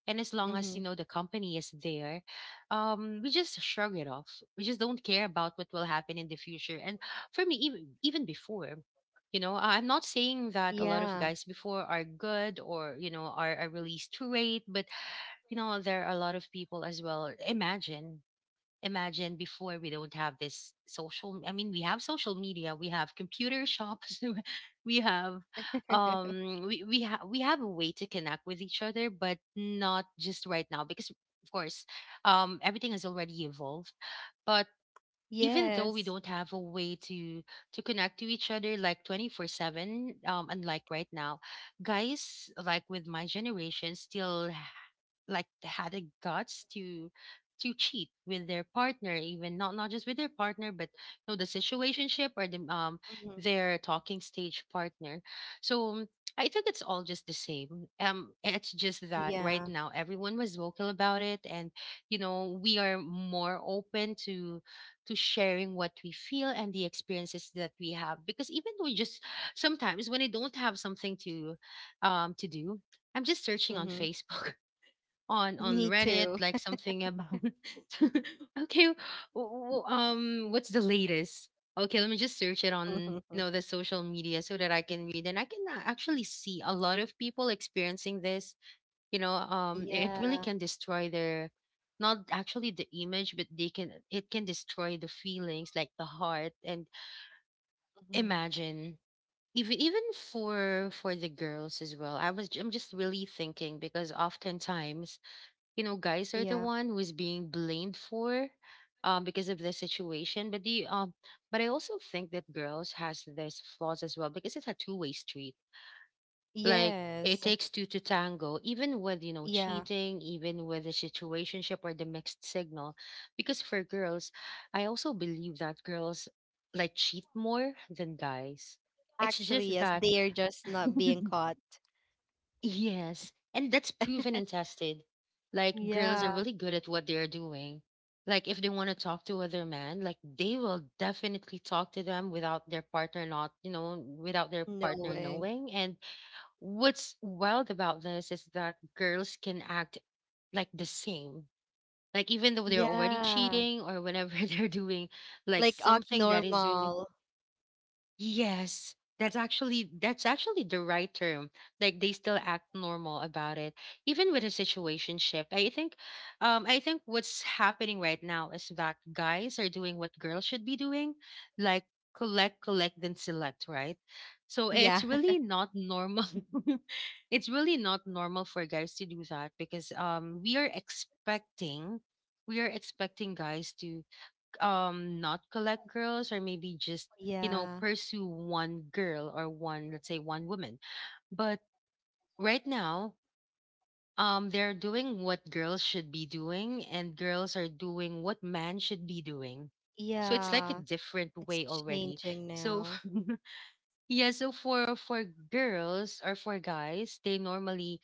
and as long as, you Mm-hmm. know, the company is there, um, we just shrug it off. We just don't care about what will happen in the future. And for me, even even before, you know, I- I'm not saying that a lot of Yeah. guys before are good, or you know are, are really straight, but you know there are a lot of people as well. Imagine, imagine before we don't have this social, I mean, we have social media, we have computer shops, we have um we we, ha- we have a way to connect with each other, but not just right now, because of course um everything has already evolved. But even Yes. though we don't have a way to to connect to each other like twenty four seven, um unlike right now, guys like with my generation still like had the guts to to cheat with their partner, even not not just with their partner, but you know the situationship or the um Mm-hmm. their talking stage partner. So I think it's all just the same. Um it's just that right Yeah. now everyone was vocal about it, and you know we are more open to to sharing what we feel and the experiences that we have, because even though we just sometimes, when I don't have something to um to do, I'm just searching on Mm-hmm. Facebook, on on Me Reddit, too. like something about okay, w- w- um, what's the latest? Okay, let me just search it on you know the social media so that I can read and I can a- actually see a lot of people experiencing this. You know, um, it really Yeah. can destroy their, not actually the image, but they can it can destroy the feelings, like the heart. And Mm-hmm. imagine, even even for for the girls as well. I was j- I'm just really thinking, because oftentimes, you know, guys are the Yeah. one who is being blamed for, um because of the situation. But the um but I also think that girls has this flaws as well, because it's a two-way street. Like, it Yes. takes two to tango, even with you know Yeah. cheating, even with the situationship or the mixed signal. Because for girls, I also believe that girls like cheat more than guys. It's Actually, just yes, that they are just not being caught. yes, and that's proven and tested. Like, girls are Yeah. really good at what they are doing. Like, if they want to talk to other men, like, they will definitely talk to them without their partner, not, you know, without their partner Knowing. knowing. And what's wild about this is that girls can act like the same. Like, even though they're already Yeah. cheating, or whenever they're doing like Like act something that is really— normal. yes, that's actually that's actually the right term. Like, they still act normal about it, even with a situationship. I think, um, I think what's happening right now is that guys are doing what girls should be doing, like collect, collect, then select, right? So it's Yeah. really not normal. It's really not normal for guys to do that, because um we are expecting— we are expecting guys to um not collect girls, or maybe just you know Yeah. pursue one girl, or one, let's say, one woman. But right now, um they're doing what girls should be doing, and girls are doing what man should be doing. So it's like a Yeah. different It's way already. changing So now. yeah, so for for girls, or for guys, they normally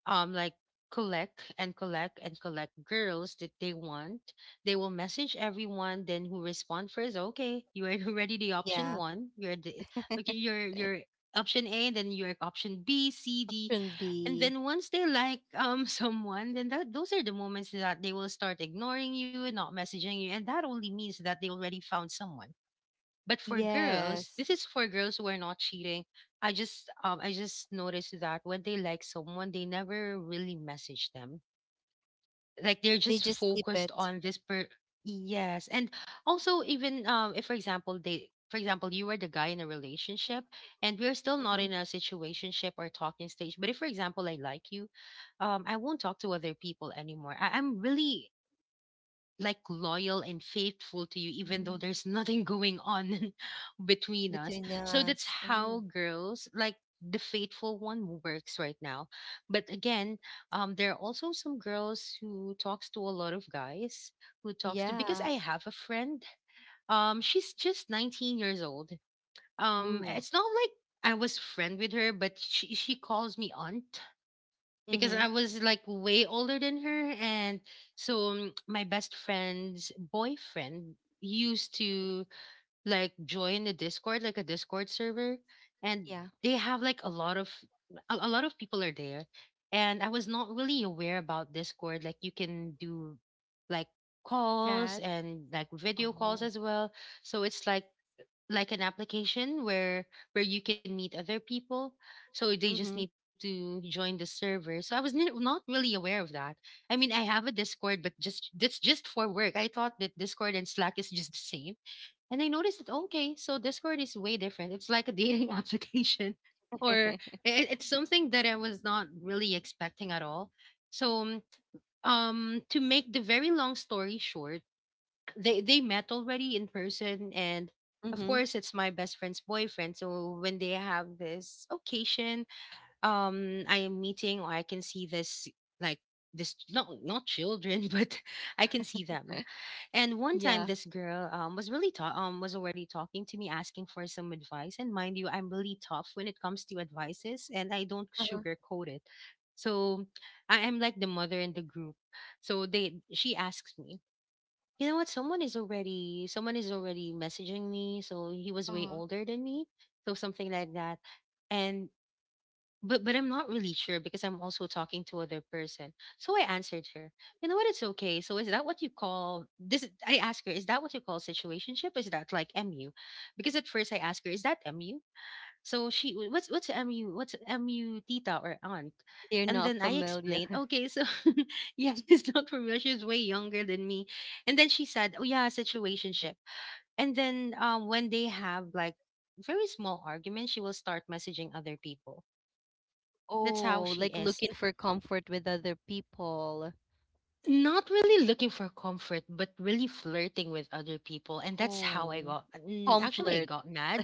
um like collect and collect and collect girls that they want. They will message everyone, then who respond first, okay, you are already the Yeah. option one, you're the— okay, you're you're option A, and then you're option B, C, D. Option And B. then once they like um someone, then that those are the moments that they will start ignoring you and not messaging you, and that only means that they already found someone. But for girls, Yes. this is for girls who are not cheating. I just um I just noticed that when they like someone, they never really message them. Like, they're They just just keep focused it. on this per— yes. And also, even um if for example they— for example, you are the guy in a relationship and we're still not Mm-hmm. in a situationship or talking stage. But if for example I like you, um I won't talk to other people anymore. I- I'm really like loyal and faithful to you, even though Mm. there's nothing going on between us. Between So that's us. how Oh. girls like the faithful one works right now. But again, um there are also some girls who talks to a lot of guys, who talks to because I Yeah. have a friend, um she's just nineteen years old. um Ooh. It's not like I was friend with her, but she she calls me aunt because I Mm-hmm. was like way older than her. And so, um, my best friend's boyfriend used to like join the Discord, like a Discord server, and Yeah. they have like a lot of— a, a lot of people are there. And I was not really aware about Discord. Like, you can do like calls Cat. and like video calls Oh. as well. So it's like— like an application where where you can meet other people. So they just need Mm-hmm. to join the server. So I was ni- not really aware of that. I mean, I have a Discord, but just that's just for work. I thought that Discord and Slack is just the same. And I noticed that, okay, so Discord is way different. It's like a dating application, or i- it's something that I was not really expecting at all. So um to make the very long story short, they they met already in person. And of Mm-hmm. course, it's my best friend's boyfriend, so when they have this occasion, um I am meeting, or I can see this like— this, not not children, but I can see them. And one time, Yeah. this girl um was really ta- um was already talking to me asking for some advice. And mind you, I'm really tough when it comes to advices, and I don't Uh-huh. sugarcoat it. So I am like the mother in the group. So they she asks me, you know what? Someone is already someone is already messaging me. So he was way Uh-huh. older than me. So something like that. And but but I'm not really sure, because I'm also talking to other person. So I answered her, you know what? It's okay. So is that what you call this? I asked her, is that what you call situationship? Is that like M U? Because at first I asked her, is that M U? So she, what's what's M U? What's M U, tita or aunt? They're And then not I explained, familiar. okay, so yeah, she's not familiar. She's way younger than me. And then she said, oh yeah, situationship. And then, um, when they have like very small arguments, she will start messaging other people. That's how Oh, she like is. looking for comfort with other people. Not really looking for comfort, but really flirting with other people. And that's how I Oh. got— mm, actually, I Comfort. got mad.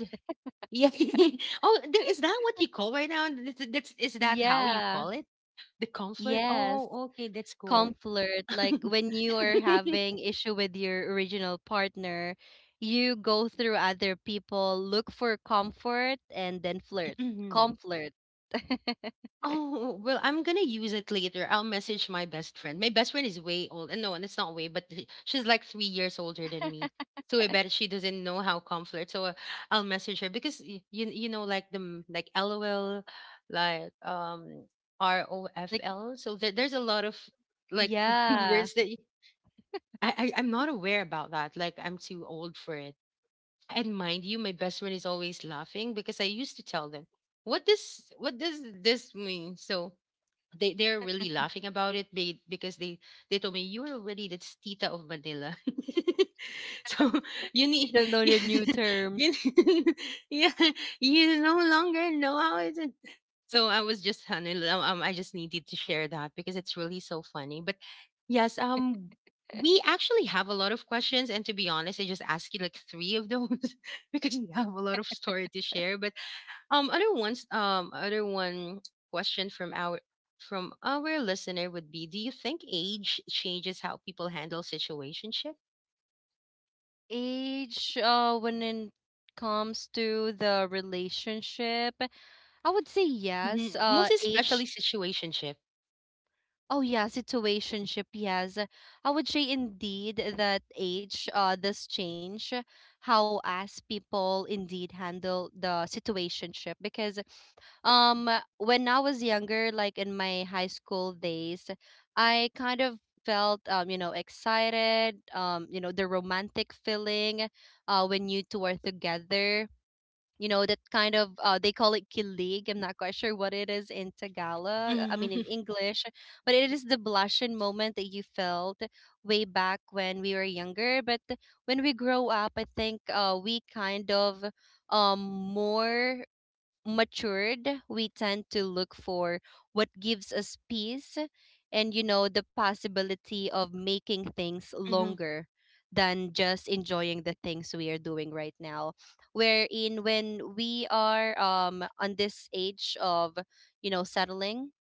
Yeah. Oh, th- is that what you call right now? Th- th- That's— is that how you call Yeah. it? The counselor? Yes. Oh, okay, that's cool. Comfort, like when you are having issue with your original partner, you go through other people, look for comfort and then flirt. Comfort. Oh, well, I'm gonna use it later. I'll message my best friend. My best friend is way old. uh, No, and it's not way, but th- she's like three years older than me. So I bet she doesn't know how com flirt. So uh, I'll message her because y- you you know like the m- like LOL, like um Like, R O F L. So there, there's a lot of like words yeah, that y- I, I I'm not aware about that. Like, I'm too old for it. And mind you, my best friend is always laughing because I used to tell them, "What does what does this mean?" So they they're really laughing about it, be- because they they told me, you are already the tita of Manila. So you need I don't you, know the new you, terms. yeah, you no longer know how it's— so I was just, honey, um, um, I just needed to share that because it's really so funny. But yes, um, we actually have a lot of questions, and to be honest, I just asked you like three of those because we have a lot of story to share. But um, other ones, um, other one question from our from our listener would be: do you think age changes how people handle situationship? Age, uh, when it comes to the relationship, I would say Hmm. yes. Most Uh, especially age. situationship. Oh yeah, situationship, yes. I would say indeed that age uh does change how as people indeed handle the situationship, because um when I was younger, like in my high school days, I kind of felt, um, you know, excited, um, you know, the romantic feeling uh when you two are together. You know, that kind of, uh, they call it kilig. I'm not quite sure what it is in Tagalog, uh, I Mm-hmm, mean in English, but it is the blushing moment that you felt way back when we were younger. But when we grow up, I think uh, we kind of um more matured, we tend to look for what gives us peace and, you know, the possibility of making things mm-hmm, longer than just enjoying the things we are doing right now. Wherein, when we are, um, on this age of, you know, settling,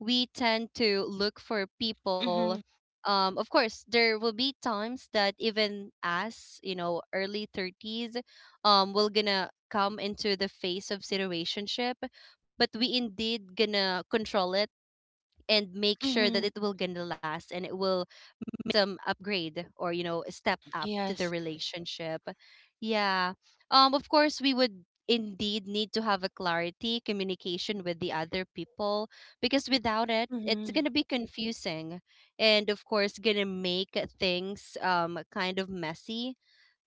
we tend to look for mm-hmm, people. Um of course, there will be times that even us, you know, early thirties um will gonna come into the phase of situationship, but we indeed gonna control it and make sure mm-hmm. that it will gonna last, and it will some upgrade, or you know, step up to Yes. the relationship. Yeah. Um of course we would indeed need to have a clarity communication with the other people, because without it it's Mm-hmm, going to be confusing, and of course going to make things um kind of messy,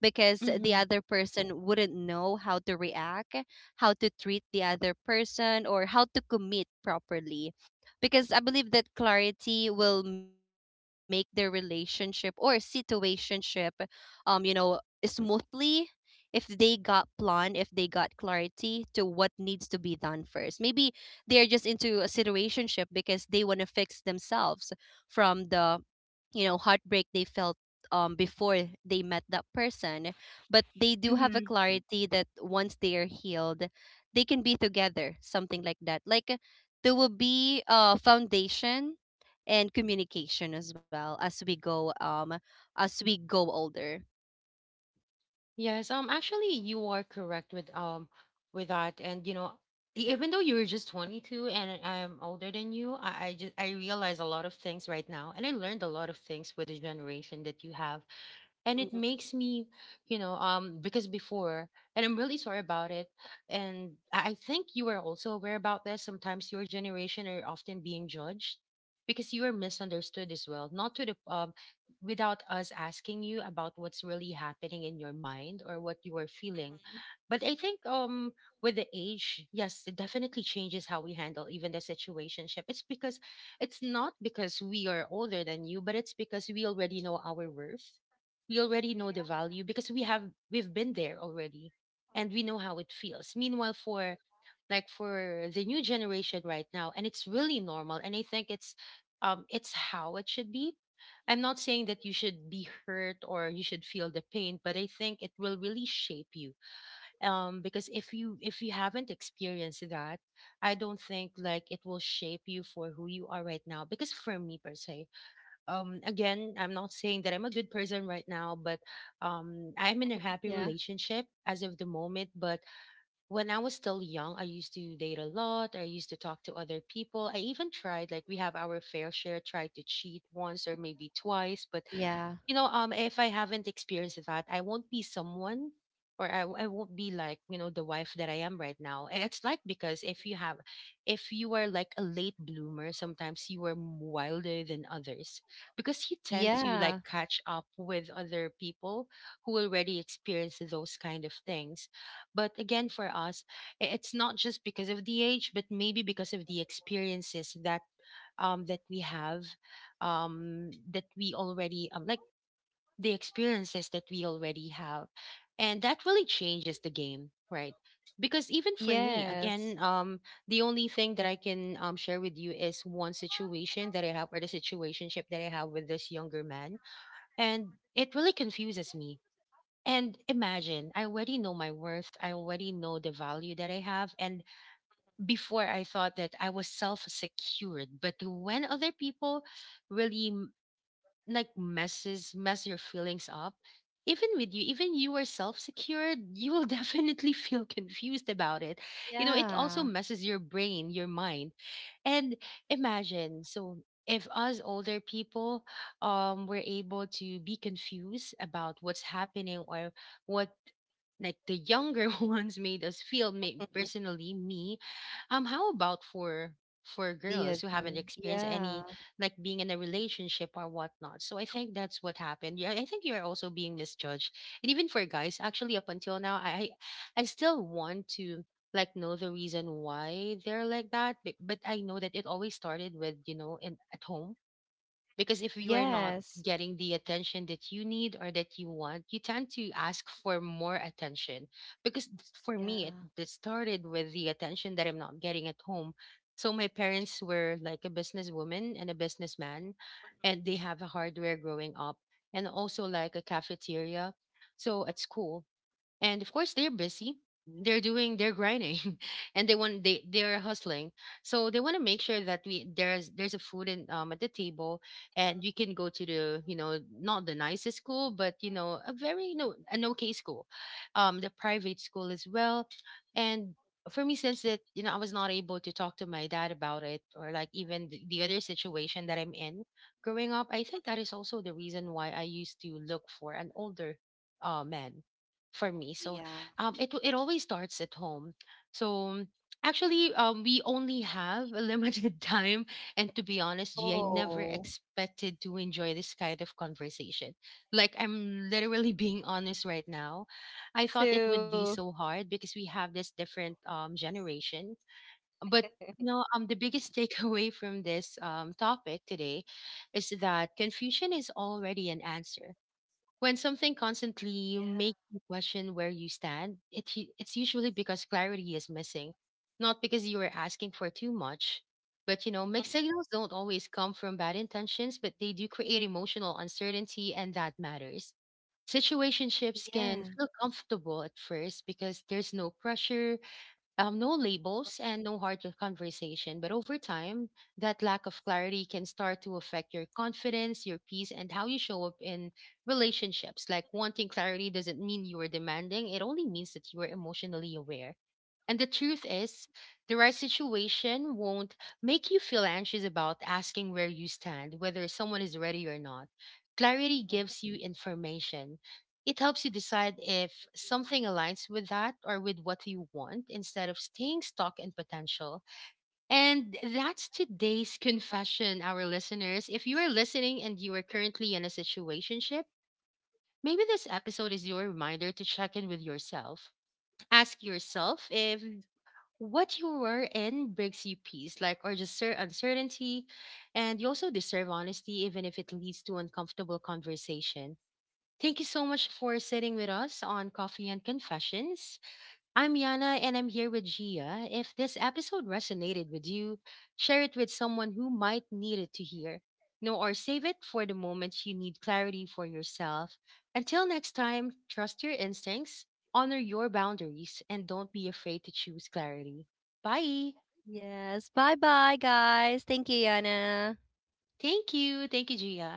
because mm-hmm. the other person wouldn't know how to react, how to treat the other person, or how to commit properly. Because I believe that clarity will make their relationship or situationship, um, you know, smoothly, if they got plan, if they got clarity to what needs to be done first. Maybe they're just into a situationship because they want to fix themselves from the, you know, heartbreak they felt um before they met that person. But they do have a clarity that once they are healed, they can be together, something like that. Like, there will be a foundation and communication as well. As we go, um as we go older. Yes, um, actually, you are correct with um with that, and you know, e- even though you were just twenty-two and I'm older than you, I, I just I realize a lot of things right now, and I learned a lot of things with the generation that you have, and it makes me, you know, um because before, and I'm really sorry about it. And i I think you are also aware about this. Sometimes your generation are often being judged because you are misunderstood as well, not to the um without us asking you about what's really happening in your mind or what you are feeling. But I think, um with the age, yes, it definitely changes how we handle even the situationship. It's because it's not because we are older than you, but it's because we already know our worth. We already know the value because we have, we've been there already, and we know how it feels. Meanwhile for, like, for the new generation right now, and it's really normal, and I think it's, um it's how it should be. I'm not saying that you should be hurt or you should feel the pain, but I think it will really shape you. um because if you if you haven't experienced that, I don't think like it will shape you for who you are right now. Because for me per se, um again, I'm not saying that I'm a good person right now, but um I'm in a Yeah. happy relationship as of the moment. But when I was still young, I used to date a lot, I used to talk to other people, I even tried, like, we have our fair share, tried to cheat once or maybe twice. But Yeah. you know, um, if I haven't experienced that, I won't be someone, or I, I won't be like, you know, the wife that I am right now. And it's like because if you have, if you are like a late bloomer, sometimes you are m- wilder than others because you tend to like Yeah. catch up with other people who already experience those kind of things. But again, for us, i- it's not just because of the age, but maybe because of the experiences that um that we have, um that we already um like the experiences that we already have. And that really changes the game, right? Because even for me, again, Yes. um, the only thing that I can, um, share with you is one situation that I have, or the situationship that I have with this younger man. And it really confuses me. And imagine, I already know my worth. I already know the value that I have. And before, I thought that I was self secured. But when other people really, like, messes mess your feelings up, even with you, even you are self-secured, you will definitely feel confused about it. You know, it also Yeah. messes your brain, your mind. And imagine, so if us older people, um were able to be confused about what's happening, or what, like the younger ones made us feel, me Mhm. personally, me, um how about for for The girls who haven't other. experienced any, Yeah. like, being in a relationship or whatnot? So I think that's what happened. Yeah, I think you're also being misjudged. And even for guys, actually, up until now, i i I still want to, like, know the reason why they're like that. but, but I know that it always started with, you know, in at home. Because if you are not Yes. getting the attention that you need or that you want, you tend to ask for more attention. Because th- for me, it, Yeah. it started with the attention that I'm not getting at home. So my parents were like a businesswoman and a businessman, and they have a hardware growing up, and also like a cafeteria. So at school, and of course they're busy, they're doing, they're grinding and they want, they they're hustling. So they want to make sure that we, there's there's a food in, um at the table, and you can go to the, you know, not the nicest school, but you know, a very, you know, an okay school, um the private school as well. And for me, since that, you know, I was not able to talk to my dad about it, or like even the, the other situation that I'm in growing up, I think that is also the reason why I used to look for an older uh man for me. Oh So yeah. um, it it always starts at home. So actually, um, we only have a limited time, and to be honest, G, I never Oh. expected to enjoy this kind of conversation. Like I'm literally being honest right now. I thought it would be Two. so hard because we have this different, um, generation, but you know, um, the biggest takeaway from this, um, topic today is that confusion is already an answer. When something constantly Yeah. makes you question where you stand, it, u- it's usually because clarity is missing, not because you are asking for too much. But you know, mixed Mm. signals don't always come from bad intentions, but they do create emotional uncertainty, and that matters. Situationships can Yeah. feel comfortable at first because there's no pressure, um, no labels and no hard conversation. But over time, that lack of clarity can start to affect your confidence, your peace, and how you show up in relationships. Like wanting clarity doesn't mean you are demanding, it only means that you are emotionally aware. And the truth is, the right situation won't make you feel anxious about asking where you stand, whether someone is ready or not. Clarity gives you information. It helps you decide if something aligns with that or with what you want, instead of staying stuck in potential. And that's today's confession, our listeners. If you are listening and you are currently in a situationship, maybe this episode is your reminder to check in with yourself. Ask yourself if what you were in brings you peace, like, or just cer- uncertainty. And you also deserve honesty, even if it leads to uncomfortable conversation. Thank you so much for sitting with us on Coffee and Confessions. I'm Yana and I'm here with Gia. If this episode resonated with you, share it with someone who might need it to hear. No, or save it for the moment you need clarity for yourself. Until next time, trust your instincts, honor your boundaries, and don't be afraid to choose clarity. Bye. Yes. Bye bye, guys. Thank you, Yana. Thank you. Thank you, Gia.